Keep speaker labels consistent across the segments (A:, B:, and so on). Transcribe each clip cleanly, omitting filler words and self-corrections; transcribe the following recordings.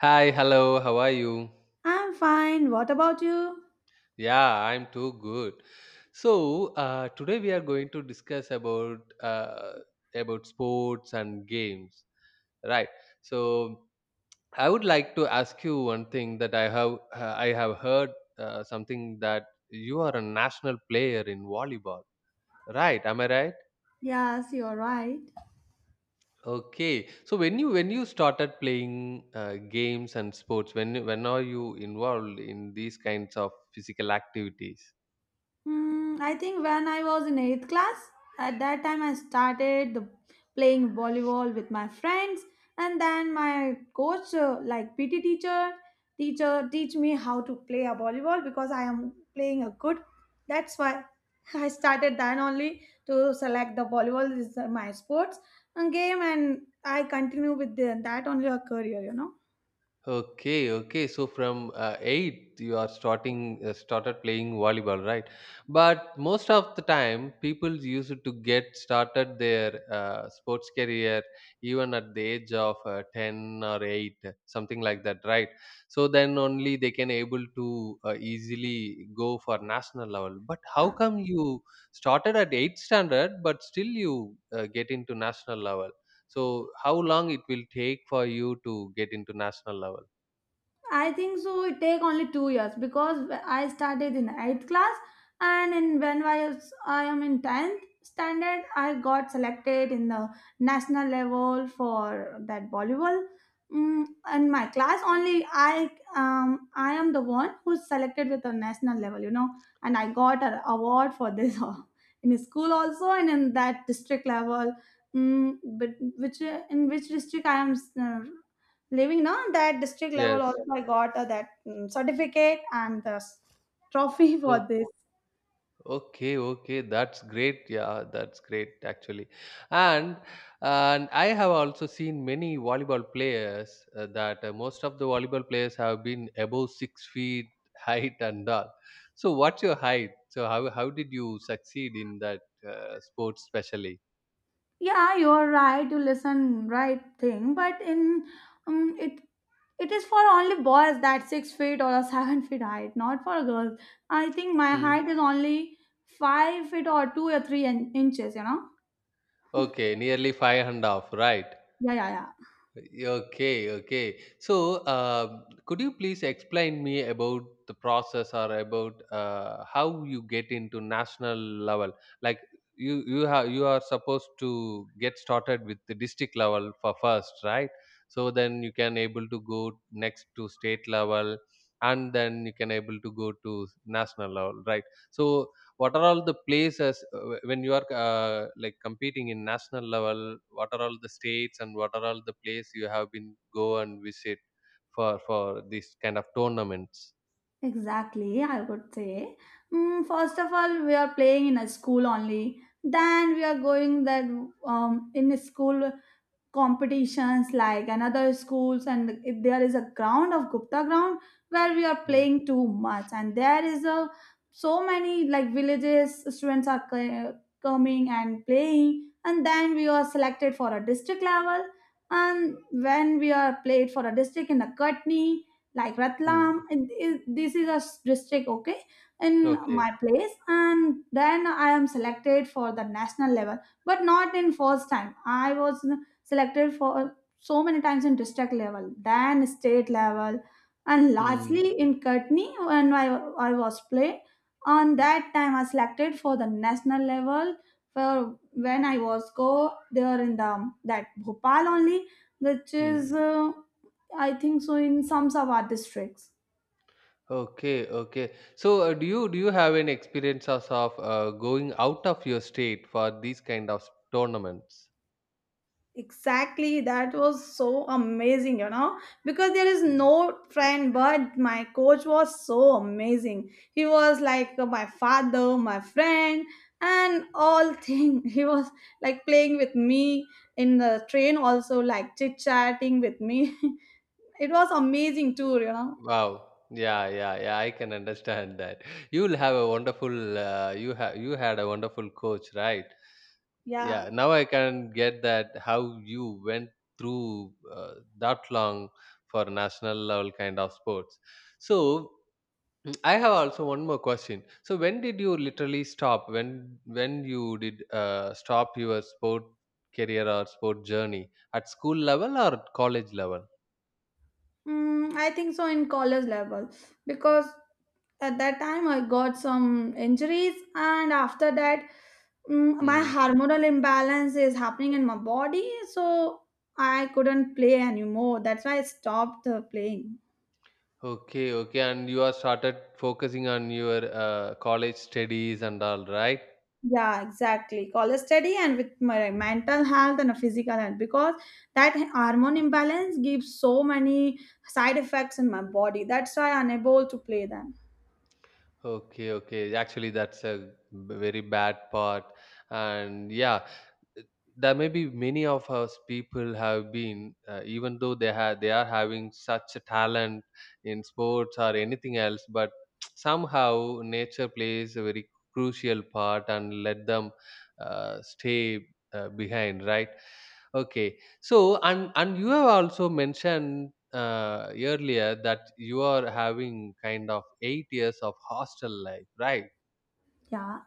A: Hi, hello, how are you?
B: I'm fine. What about you?
A: Yeah, I'm too good. So today we are going to discuss about sports and games, right? So I would like to ask you one thing that I have heard something that you are a national player in volleyball, right? Am I right?
B: Yes, you're right.
A: Okay. So when you started playing games and sports, when are you involved in these kinds of physical activities?
B: I think when I was in 8th class, at that time I started playing volleyball with my friends, and then my coach, like PT teacher teach me how to play a volleyball because I am playing a good. That's why I started then only to select the volleyball is my sports and game, and I continue with that only a career, you know.
A: Okay, okay. So from eight, you are starting started playing volleyball, right? But most of the time, people used to get started their sports career even at the age of 10 or 8, something like that, right? So then only they can able to easily go for national level. But how come you started at 8 standard, but still you get into national level? So how long it will take for you to get into national level?
B: I think so. It take only 2 years because I started in eighth class, and in when I am in tenth standard, I got selected in the national level for that volleyball. Mm, in my class, only I am the one who's selected with the national level, you know, and I got an award for this in school also and in that district level. Mm, but which in which district I am, uh, living now, that district level
A: Yes.
B: also I got that certificate and the trophy for
A: O-
B: this.
A: okay, okay. That's great. Yeah, that's great actually. And and I have also seen many volleyball players that most of the volleyball players have been above 6 feet height and all. So what's your height? So how did you succeed in that sport specially?
B: Yeah, you're right. You listen right thing, but in it is for only boys that 6 feet or a 7 feet height, not for girls. I think my
A: Mm.
B: height is only 5 feet or two or three inches. You know.
A: Okay, nearly five and a half, right?
B: Yeah, yeah, yeah.
A: Okay, okay. So, could you please explain me about the process or about how you get into national level? Like you are supposed to get started with the district level for first, right? So then you can able to go next to state level, and then you can able to go to national level, right? So what are all the places when you are like competing in national level, what are all the states and what are all the place you have been go and visit for this kind of tournaments.
B: Exactly, I would say. Mm, first of all, we are playing in a school only. Then we are going that in a school competitions like another schools, and if there is a ground of Gupta ground where we are
A: Mm.
B: playing too much, and there is a so many like villages students are coming and playing, and then we are selected for a district level. And when we are played for a district in a Katni, like
A: Mm.
B: Ratlam, and this is a district. Okay, in
A: Okay.
B: my place, and then I am selected for the national level, but not in first time. I was selected for so many times in district level, then state level, and
A: Mm.
B: lastly in Kutni, I was playing. On that time, I selected for the national level. For when I was go there in the that Bhopal only, which
A: Mm.
B: is, I think so, in some Sabha districts.
A: Okay, okay. So, do you have any experiences of going out of your state for these kind of tournaments?
B: Exactly, that was so amazing, you know, because there is no friend, but my coach was so amazing. He was like my father, my friend, and all thing. He was like playing with me in the train, also like chit chatting with me. It was amazing too, you know.
A: Wow. Yeah, yeah, yeah. I can understand that. You'll have a wonderful. You have you had a wonderful coach, right?
B: Yeah.
A: Yeah. Now I can get that how you went through that long for national level kind of sports. So I have also one more question. So when did you literally stop? When you did stop your sport career or sport journey at school level or at college level?
B: Mm, I think so, in college level, because at that time I got some injuries, and after that, mm, my
A: Hmm.
B: hormonal imbalance is happening in my body, so I couldn't play anymore. That's why I stopped playing.
A: Okay, okay, and you are started focusing on your college studies and all, right?
B: Yeah, exactly. College study and with my mental health and physical health, because that hormone imbalance gives so many side effects in my body. That's why I'm unable to play them.
A: Okay, okay. Actually, that's a very bad part, and yeah, there may be many of us people have been, even though they are having such a talent in sports or anything else, but somehow nature plays a very crucial part and let them stay behind, right? Okay. So, and you have also mentioned earlier that you are having kind of 8 years of hostel life, right?
B: Yeah,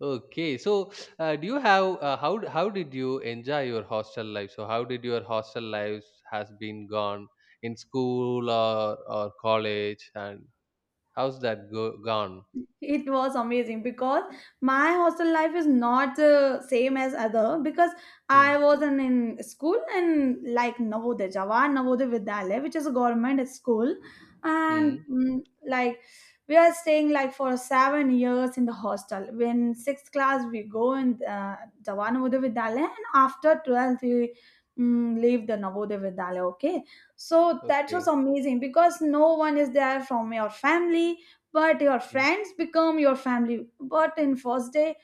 A: Okay. So, do you have how did you enjoy your hostel life? So, how did your hostel life has been gone in school or college, and how's that go gone?
B: it was amazing because my hostel life is not, same as other, because
A: Hmm.
B: I was in school and like Navodaya Jawaharlal Navodaya Vidyalaya, which is a government school, and
A: Hmm.
B: mm, like we are staying like for 7 years in the hostel. When sixth class we go in, Jawaharlal Navodaya Vidyalaya, and after 12th we, mm, leave the Navodaya Vidyalaya. Okay, so that was
A: Okay.
B: amazing because no one is there from your family, but your
A: Hmm.
B: friends become your family. But in first day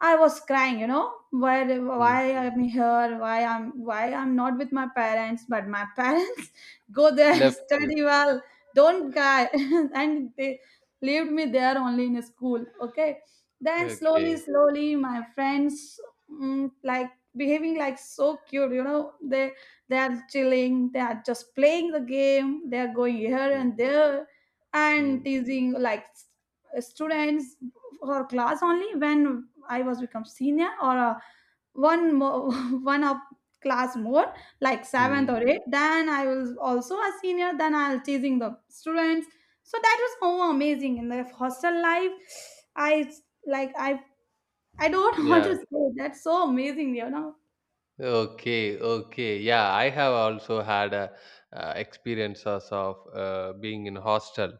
B: I was crying, you know,
A: Hmm.
B: why I'm here, why I'm not with my parents, but my parents go there,
A: Left you.
B: study well, don't cry, and they leave me there only in school. Okay, then slowly,
A: Okay.
B: slowly, my friends, mm, like behaving like so cute, you know, they are chilling, they are just playing the game, they are going here
A: Hmm.
B: and there, and
A: Hmm.
B: teasing like students. For class only, when I was become senior, or one more one up class more, like seventh
A: Hmm.
B: or eighth. Then I was also a senior. Then I'll chasing the students. So that was so amazing in the hostel life. I like I don't want to
A: Yeah.
B: say that's so amazing. You know.
A: Okay, okay. Yeah, I have also had a, experiences of being in hostel.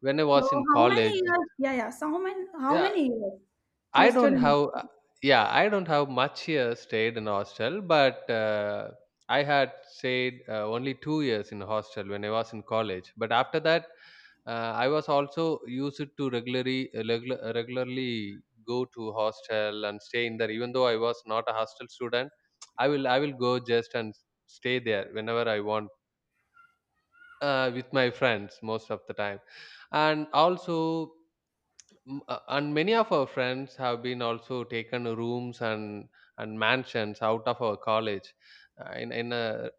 A: When I
B: So
A: was in
B: how many
A: college,
B: years? Yeah, yeah. So how
A: yeah,
B: many years you
A: I
B: stood
A: don't
B: in?
A: have, uh, yeah, I don't have much here stayed in hostel, but I had stayed only 2 years in hostel when I was in college. But after that, I was also used to regularly regularly go to hostel and stay in there, even though I was not a hostel student. I will go just and stay there whenever I want, with my friends most of the time. And also and many of our friends have been also taken rooms and mansions out of our college, in a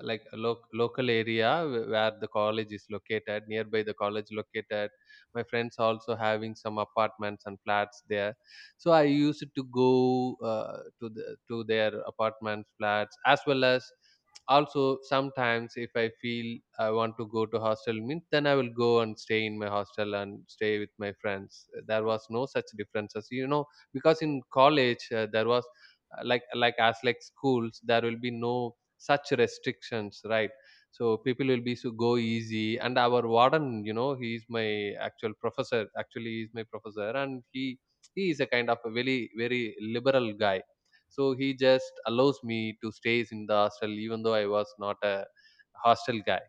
A: like a local area where the college is located, nearby the college located my friends also having some apartments and flats there. So I used to go to their apartments flats, as well as also sometimes if I feel I want to go to hostel means, then I will go and stay in my hostel and stay with my friends. There was no such differences, you know, because in college there was like schools, there will be no such restrictions, right? So people will be so go easy. And our warden, you know, he is my actual professor, actually he is my professor. And he is a kind of a very liberal guy, so he just allows me to stays in the hostel even though I was not a hostel guy.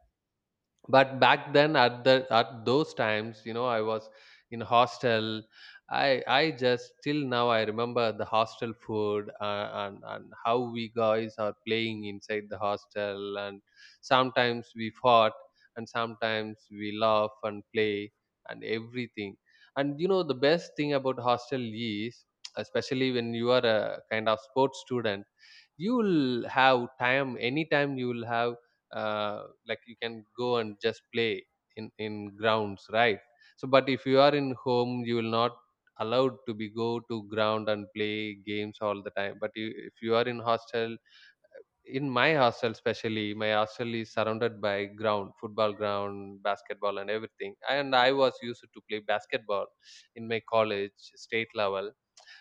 A: But back then, at the at those times, you know, I was in hostel. I just till now I remember the hostel food, and how we guys are playing inside the hostel, and sometimes we fought, and sometimes we laugh and play and everything. And you know, the best thing about hostel is, especially when you are a kind of sports student, you will have time. Anytime you will have, like, you can go and just play in grounds, right? So but if you are in home, you will not allowed to be go to ground and play games all the time. But you, if you are in hostel, in my hostel especially, my hostel is surrounded by ground, football ground, basketball and everything. And I was used to play basketball in my college, state level.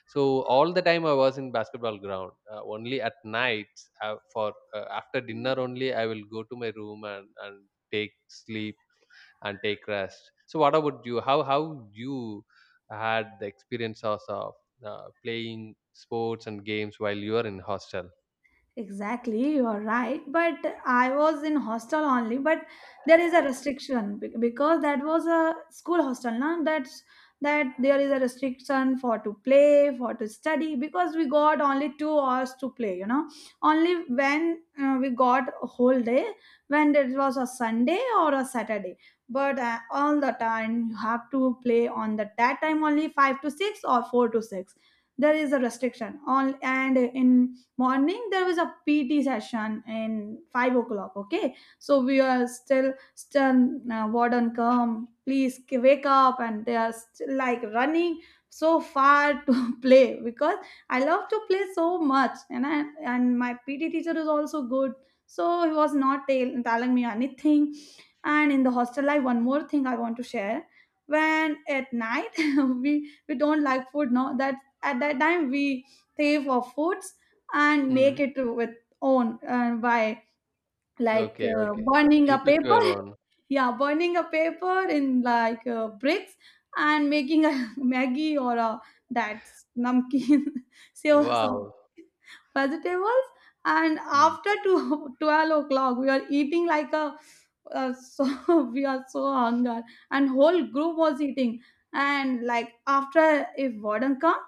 A: So all the time I was in basketball ground. Only at nights, for after dinner only, I will go to my room and take sleep and take rest. So what about you? How you had the experience of playing sports and games while you are in hostel?
B: Exactly, you are right. But I was in hostel only, but there is a restriction because that was a school hostel. Now that there is a restriction for to play, for to study, because we got only 2 hours to play. You know, only when, we got a whole day when it was a Sunday or a Saturday. But all the time you have to play on the that time only five to six or four to six. There is a restriction. All and in morning there was a PT session in 5 o'clock. Okay, so we are still, warden come, please wake up, and they are still like running so far to play because I love to play so much. And I, and my PT teacher is also good, so he was not telling me anything. And in the hostel life, one more thing I want to share: when at night we don't like food, no, that at that time we crave for foods and
A: Hmm.
B: make it with own, by like,
A: Okay, okay.
B: burning a
A: You cook
B: paper.
A: your own.
B: Yeah, burning a paper in like, bricks, and making a Maggie or a that namkeen, so
A: Wow.
B: vegetables, and
A: Hmm.
B: after two 12 o'clock we are eating like a, so we are so hunger, and whole group was eating. And like after, if warden come,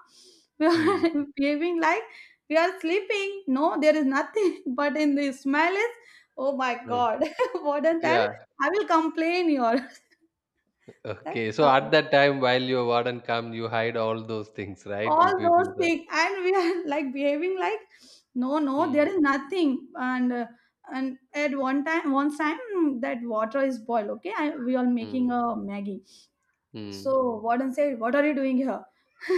B: we
A: Hmm.
B: are behaving like we are sleeping, no, there is nothing, but in the smell is, oh my
A: Hmm.
B: god, warden tell,
A: Yeah.
B: I will complain your. That's
A: Okay. So
B: all.
A: at that time, while your warden come, you hide all those things, right?
B: All
A: You
B: those
A: people.
B: things, and we are like behaving like, no, no,
A: Hmm.
B: there is nothing. And, and at one time, mm, that water is boiled. Okay, I, we are making
A: Hmm.
B: a Maggie.
A: Hmm.
B: So warden said, "What are you doing here?"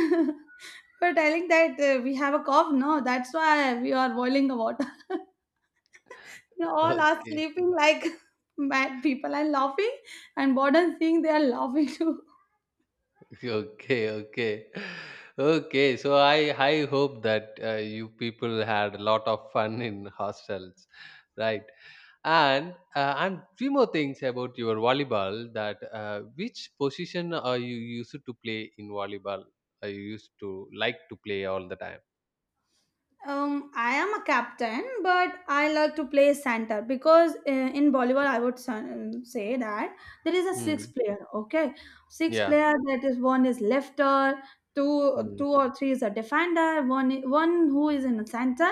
B: We're telling that, we have a cough. No, that's why we are boiling the water. They all are
A: Okay.
B: sleeping like mad people and laughing, and warden seeing they are laughing too.
A: Okay. Okay. Okay. So I hope that you people had a lot of fun in hostels, right? And three more things about your volleyball. That which position are you used to play in volleyball? Are you used to like to play all the time?
B: I am a captain, but I love to play center because, in volleyball, I would say that there is a six
A: Hmm.
B: player. Okay, six
A: Yeah.
B: player. That is one is lefter,
A: Hmm.
B: two or three is a defender, one who is in the center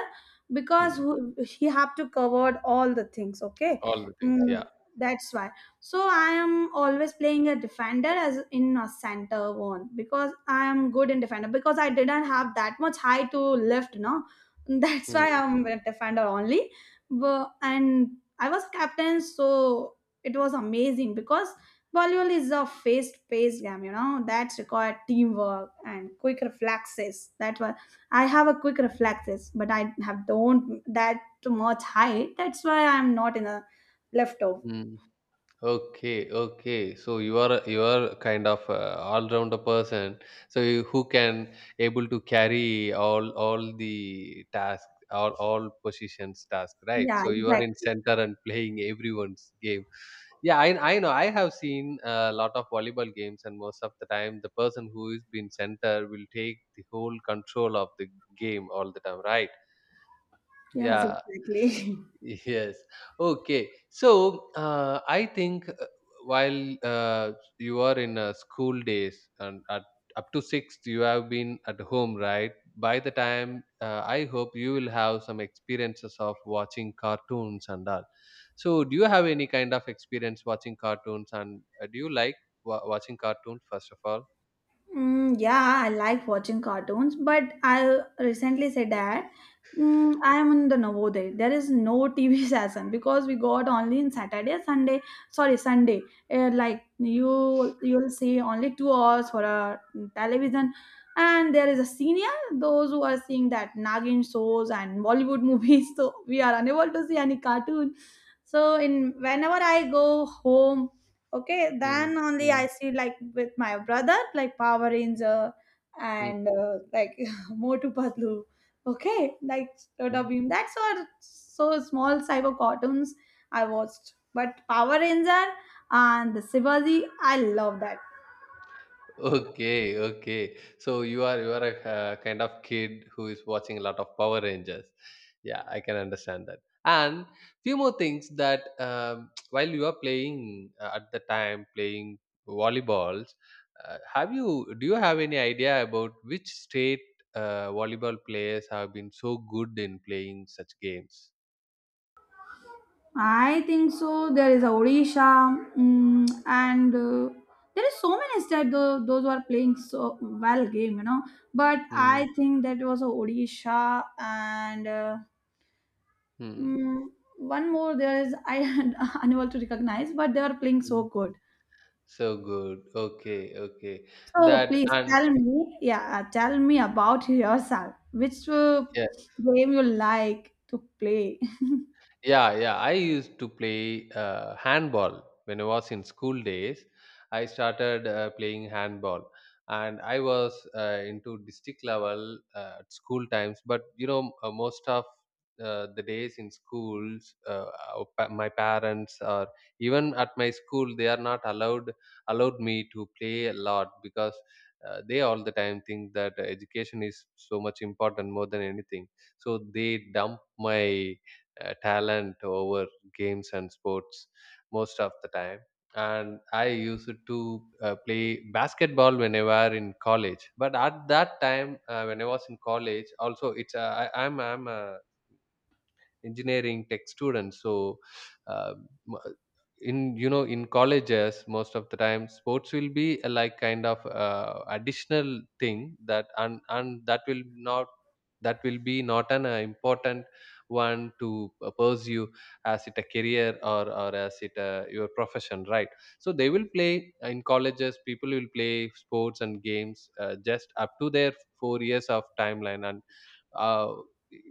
B: because
A: Hmm.
B: who, he have to cover all the things. Okay,
A: All the things.
B: mm,
A: Yeah.
B: that's why. So I am always playing a defender as in a center one, because I am good in defender, because I didn't have that much height to lift, no. That's
A: Hmm.
B: why I'm a defender only. But, and I was captain, so it was amazing because volleyball is a fast-paced game. You know that required teamwork and quick reflexes. That's why I have a quick reflexes, but I have don't that much height. That's why I'm not in a leftover.
A: Hmm. Okay, okay. So you are kind of a all-rounder person. So you, who can able to carry all the task, all positions task, right?
B: Yeah,
A: So you are in
B: exactly.
A: center and playing everyone's game. Yeah, I know. I have seen a lot of volleyball games, and most of the time, the person who is been center will take the whole control of the game all the time, right?
B: Yes,
A: Yeah,
B: exactly.
A: Yes. Okay. So I think while you are in school days and at, up to sixth, you have been at home, right? By the time, I hope you will have some experiences of watching cartoons and all. So, do you have any kind of experience watching cartoons? And do you like watching cartoons, first of all?
B: Mm, yeah, I like watching cartoons, but I recently said that, mm, I am in the Navodaya. There is no TV session, because we got only in Saturday, Sunday. Sorry, Sunday. Like you, you'll see only 2 hours for a television, and there is a senior. Those who are seeing that Nagin shows and Bollywood movies, so we are unable to see any cartoon. So in whenever I go home, okay,
A: Mm,
B: then only
A: mm,
B: I see like with my brother, like Power Ranger
A: mm,
B: and, like Motu Patlu. Okay, like Tota
A: mm.
B: Beam. That's all. So small cyber cartoons I watched. But Power Ranger and the Shivaji, I love that.
A: Okay, okay. So you are a kind of kid who is watching a lot of Power Rangers. Yeah, I can understand that. And few more things that while you are playing at the time playing volleyballs, have you do you have any idea about which state volleyball players have been so good in playing such games?
B: I think so. There is Odisha, mm, and, there is so many states though, those who are playing so well game, you know. But
A: Hmm.
B: I think that was Odisha and, uh,
A: Hmm.
B: mm, one more there is, I am unable to recognize, but they are playing so
A: Mm.
B: good.
A: So good. Okay. Okay.
B: So
A: That
B: please
A: and
B: tell me, yeah, tell me about yourself. Which,
A: yeah.
B: game you like to play?
A: Yeah, yeah. I used to play handball when I was in school days. I started playing handball, and I was into district level at school times. But you know, most of the days in schools, my parents or even at my school, they are not allowed me to play a lot because they all the time think that education is so much important more than anything. So they dump my talent over games and sports most of the time. And I used to play basketball whenever in college, but at that time when I was in college also, it's I'm a engineering tech students. So uh, m- in you know in colleges most of the time sports will be a, like kind of additional thing that and that will not that will be not an important one to pursue as it a career or as it a, your profession, right? So they will play in colleges, people will play sports and games just up to their 4 years of timeline. And uh,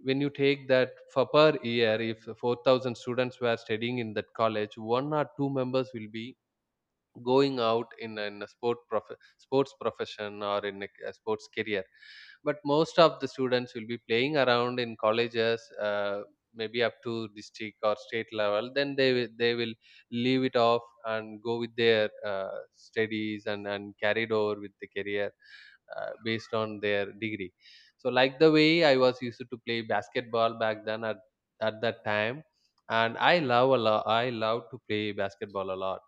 A: when you take that for per year, if 4,000 students were studying in that college, one or two members will be going out in a sport prof- sports profession or in a sports career. But most of the students will be playing around in colleges, maybe up to district or state level, then they will leave it off and go with their studies, and carried over with the career based on their degree. So like the way I was used to play basketball back then at that time. And I love a lot, I love to play basketball a lot.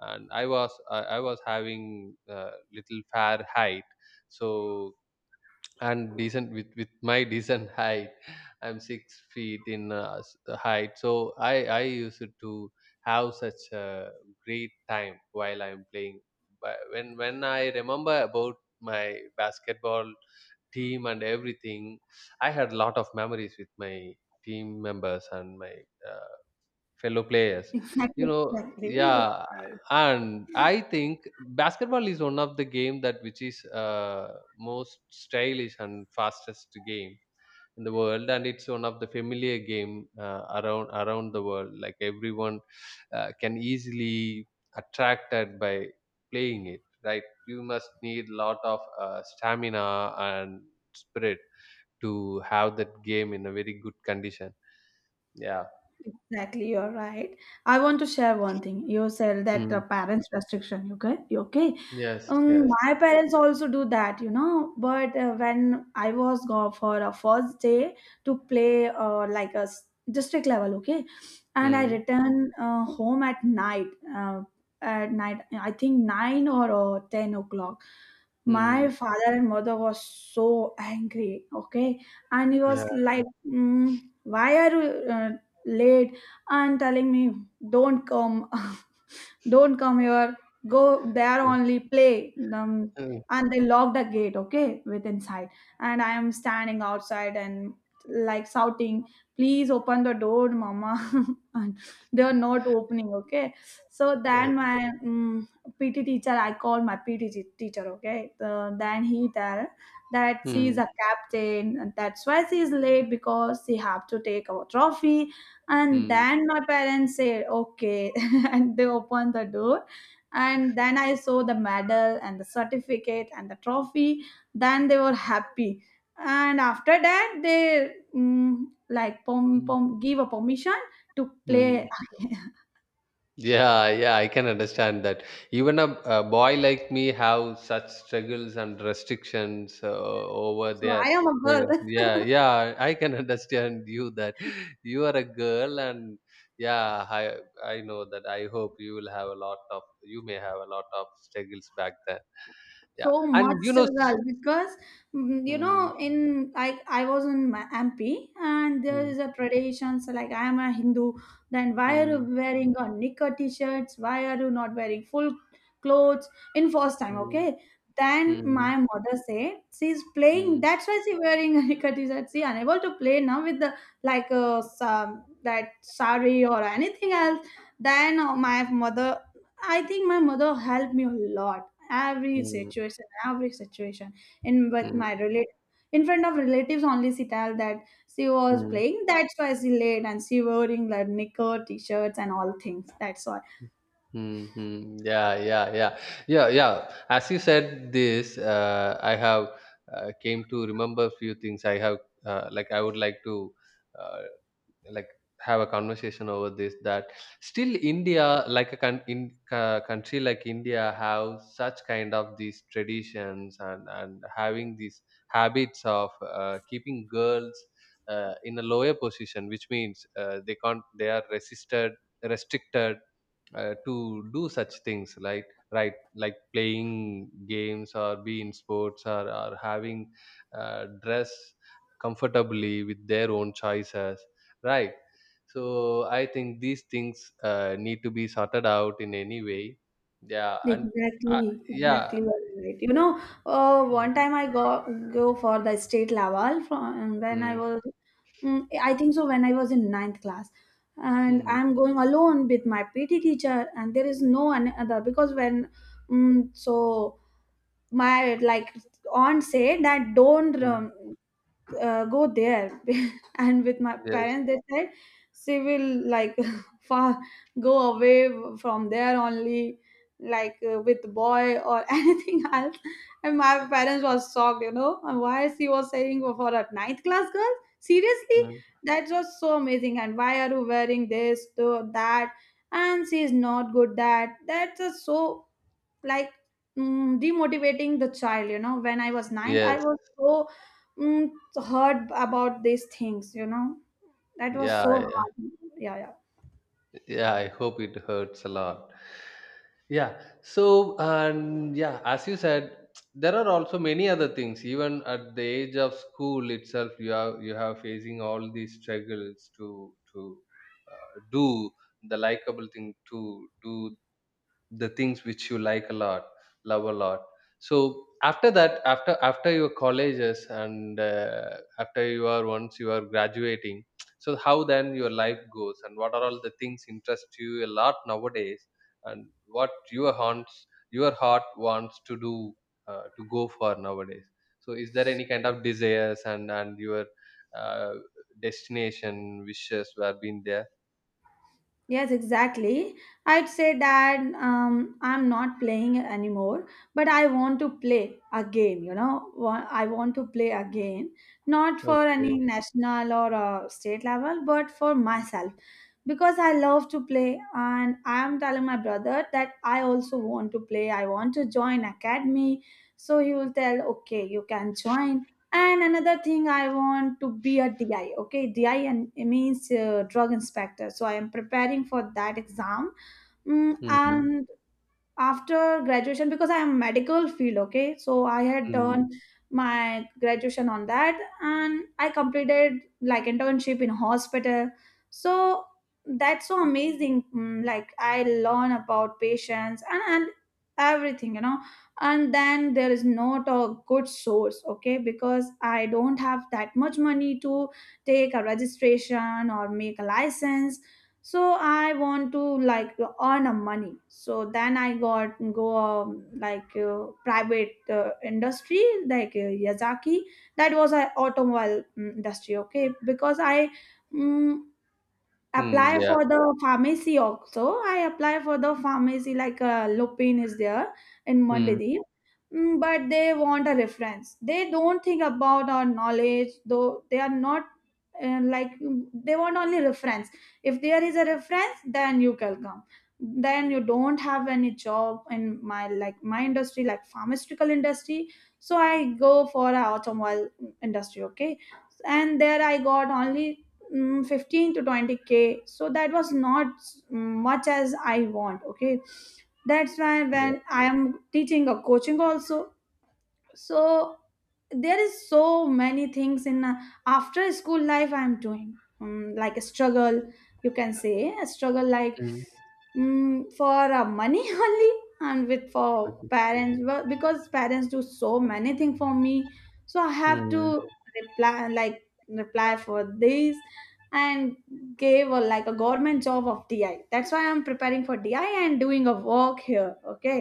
A: And I was having little fair height. So and decent with my decent height. I'm 6 feet in height. So I used to have such a great time while I'm playing. But when I remember about my basketball team and everything, I had a lot of memories with my team members and my uh, fellow players, you
B: Exactly,
A: know
B: exactly. You're
A: yeah.
B: right.
A: And I think basketball is one of the game that which is most stylish and fastest game in the world, and it's one of the familiar game around the world. Like everyone can easily attracted by playing it, right? You must need lot of stamina and spirit to have that game in a very good condition. Yeah.
B: Exactly, you're right. I want to share one thing. You said that the
A: Mm.
B: parents' restriction. Okay? You okay?
A: Yes, yes.
B: My parents also do that, you know. But, when I was go for a first day to play, like a district level, okay, and I return, home at night. Uh, at night, I think nine or, 10 o'clock. My
A: Mm,
B: father and mother was so angry, okay, and he
A: yeah.
B: was like, "Why are you late?" And telling me, "Don't come." Don't come here, go there only play.
A: Mm,
B: And they lock the gate, okay, with inside. And I am standing outside and like shouting, "Please open the door, mama." And they are not opening, okay. So
A: uh,
B: then my PT teacher, I called my teacher, okay. Then he tell that she is
A: mm,
B: a captain and that's why she is late because she have to take our trophy. And
A: mm,
B: then my parents said okay and they opened the door. And then I saw the medal and the certificate and the trophy. Then they were happy. And after that they like pom,
A: mm,
B: pom, give a permission to play.
A: mm. Yeah, yeah, I can understand that. Even a boy like me have such struggles and restrictions over
B: So
A: there.
B: I am a
A: Yeah,
B: girl.
A: yeah, yeah, I can understand you that you are a girl, and yeah, I know that. I hope you will have a lot of you may have a lot of struggles back then. Yeah,
B: So much
A: and you know, s-
B: struggle because
A: mm,
B: in I was in MP and there
A: mm,
B: is a tradition. So like I am a Hindu, then why are you
A: mm,
B: wearing a knicker t-shirts, why are you not wearing full clothes, in first time,
A: mm,
B: okay. Then my
A: mm,
B: mother said she's playing,
A: mm.
B: that's why she wearing a knicker t-shirt. She unable to play now with the, like, some that sari or anything else. Then my mother, I think my mother helped me a lot. Every
A: Mm,
B: situation, every situation, in with my
A: mm,
B: relate, in front of relatives only she tell that she was
A: mm,
B: playing, that's why she late, and she wearing like knicker t-shirts and all things, that's why.
A: mm, mm. Yeah, yeah, yeah, yeah, yeah. As you said this, I have came to remember few things. I have like I would like to uh, like have a conversation over this, that still india like a con- in, country like india have such kind of these traditions, and having these habits of keeping girls in a lower position, which means they can't, they are resisted restricted to do such things, like right, like playing games or be in sports, or having dress comfortably with their own choices, right? So I think these things need to be sorted out in any way. Yeah. And uh,
B: Exactly,
A: yeah.
B: exactly right. You know, one time I go for the state level from when I
A: Mm,
B: was, I think so when I was in ninth class, and
A: mm,
B: I'm going alone with my PT teacher, and there is no other because when so my like aunt said that don't
A: mm.
B: go there, and with my
A: Yes.
B: parents they said she will like far go away from there only, like with boy or anything else. And my parents was shocked, and why she was saying for a ninth class girl seriously,
A: Mm.
B: that was so amazing. And why are you wearing this to that? And she is not good, that's just so, like, demotivating the child, when I was ninth
A: Yes.
B: I was so, mm, hurt about these things, that was
A: Yeah,
B: so
A: yeah.
B: hard. Yeah, yeah.
A: Yeah, I hope it hurts a lot. Yeah. So, and yeah, as you said, there are also many other things. Even at the age of school itself, you have facing all these struggles to do the likable thing to do the things which you like a lot, love a lot. So after that, after your colleges, and after you are once you are graduating, so how then your life goes, and what are all the things interest you a lot nowadays, and what your haunts, your heart wants to do to go for nowadays. So is there any kind of desires, and your uh, destination wishes were been there.
B: Yes, exactly. I'd say that I'm not playing anymore, but I want to play again. I want to play again, not for any
A: Okay.
B: national or state level, but for myself because I love to play. And I'm telling my brother that I also want to play. I want to join academy. So he will tell, okay, you can join. And another thing, I want to be a DI. Okay, DI, and it means drug inspector. So I am preparing for that exam.
A: Mm-hmm.
B: And after graduation, because I am medical field, okay, so I had
A: Mm.
B: done my graduation on that and I completed like internship in hospital. So that's so amazing. Like I learn about patients and everything. And then there is not a good source, okay, because I don't have that much money to take a registration or make a license. So I want to like earn a money. So then I got go like private industry, like yazaki. That was an automobile industry, okay, because I mm
A: Mm,
B: apply
A: yeah.
B: for the pharmacy also. I apply for the pharmacy, like Lupin is there in
A: Mm,
B: Mandadeep. But they want a reference. They don't think about our knowledge, though they are not like, they want only reference. If there is a reference, then you can come. Then you don't have any job in my like my industry, like pharmaceutical industry. So I go for a automobile industry, okay? And there I got only 15 to 20K, so that was not much as I want, okay. That's why when
A: yeah.
B: I am teaching a coaching also. So there is so many things in after school life I'm doing, like a struggle. You can say a struggle, like,
A: Mm.
B: For money only. And with for
A: Okay.
B: parents well, because parents do so many things for me. So I have to
A: Mm.
B: reply, like reply for this, and gave a, like a government job of DI. That's why I'm preparing for DI and doing a work here, okay,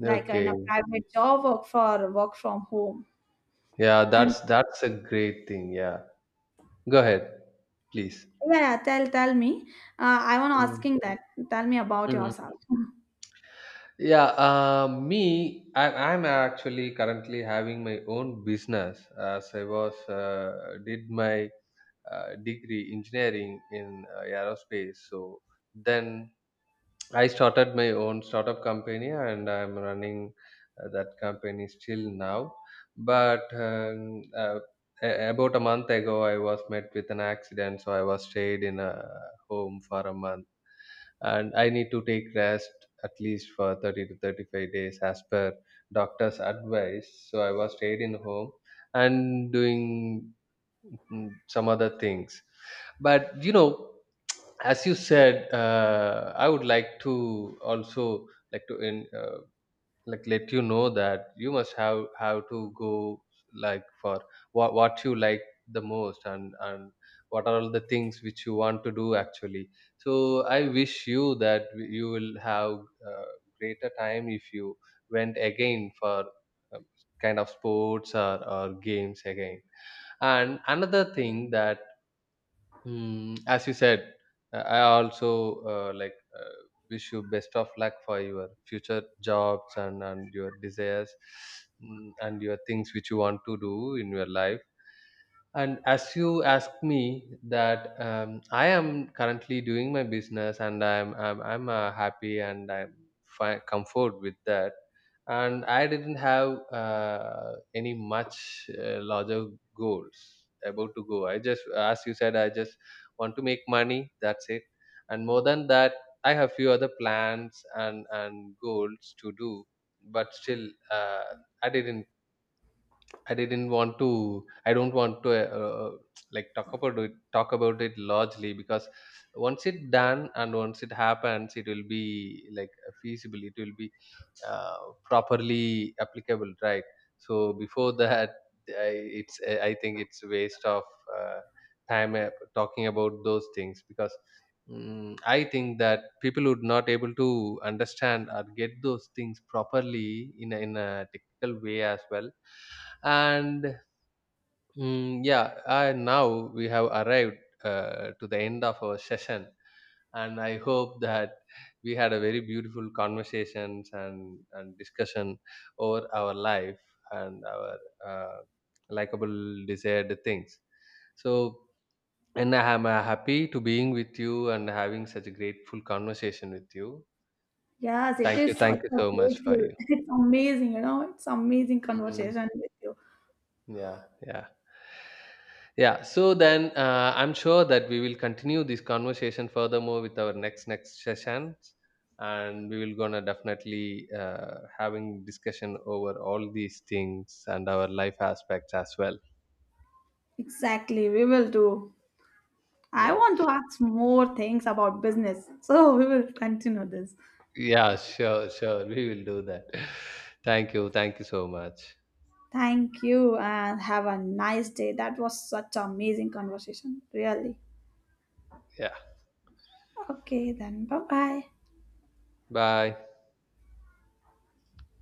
B: like in a
A: Okay.
B: private job, work for work from home.
A: Yeah,
B: And
A: that's a great thing. Yeah. Go ahead, please.
B: yeah, tell me, I want
A: Mm.
B: asking that tell me about
A: Mm.
B: yourself.
A: Yeah, me, I'm actually currently having my own business, as I was did my degree engineering in aerospace. So then I started my own startup company, and I'm running that company still now. But about a month ago, I was met with an accident, so I was stayed in a home for a month. And I need to take rest at least for 30 to 35 days as per doctor's advice. So I was stayed in home and doing mm, some other things. But you know, as you said, I would like to also like to like let you know that you must have to go like for what you like the most, and what are all the things which you want to do actually. So I wish you that you will have uh, greater time if you went again for um, kind of sports or games again. And another thing that, mm, as you said, I also like wish you best of luck for your future jobs, and your desires, mm, and your things which you want to do in your life. And as you asked me that, I am currently doing my business, and I'm happy, and I'm fi- comfort with that. And I didn't have any much larger goals about to go. I just, as you said, I just want to make money. That's it. And more than that, I have few other plans and goals to do. But still, uh, I didn't I didn't want to. I don't want to like talk about it. Talk about it largely, because once it done and once it happens, it will be like feasible. It will be uh, properly applicable, right? So before that, I, it's. I think it's waste of uh, time talking about those things. Because. Mm I think that people would not able to understand or get those things properly in a technical way as well. And mm, yeah, and now we have arrived to the end of our session, and I hope that we had a very beautiful conversations and discussion over our life and our uh, likable desired things. So, and I am happy to being with you, and having such a grateful conversation with you.
B: Yes, it
A: Thank you,
B: is such
A: thank you
B: a
A: so much for
B: grateful.
A: you.
B: It's amazing, it's amazing
A: Mm.
B: conversation with you.
A: Yeah, yeah. Yeah, so then I'm sure that we will continue this conversation furthermore with our next sessions, and we will gonna definitely having discussion over all these things and our life aspects as well.
B: Exactly, we will do. I
A: Yeah,
B: want to ask more things about business, so we will continue this.
A: yeah, sure, sure, we will do that. Thank you so much.
B: Thank you and have a nice day. That was such an amazing conversation, really.
A: Yeah,
B: Okay, then bye bye.
A: bye.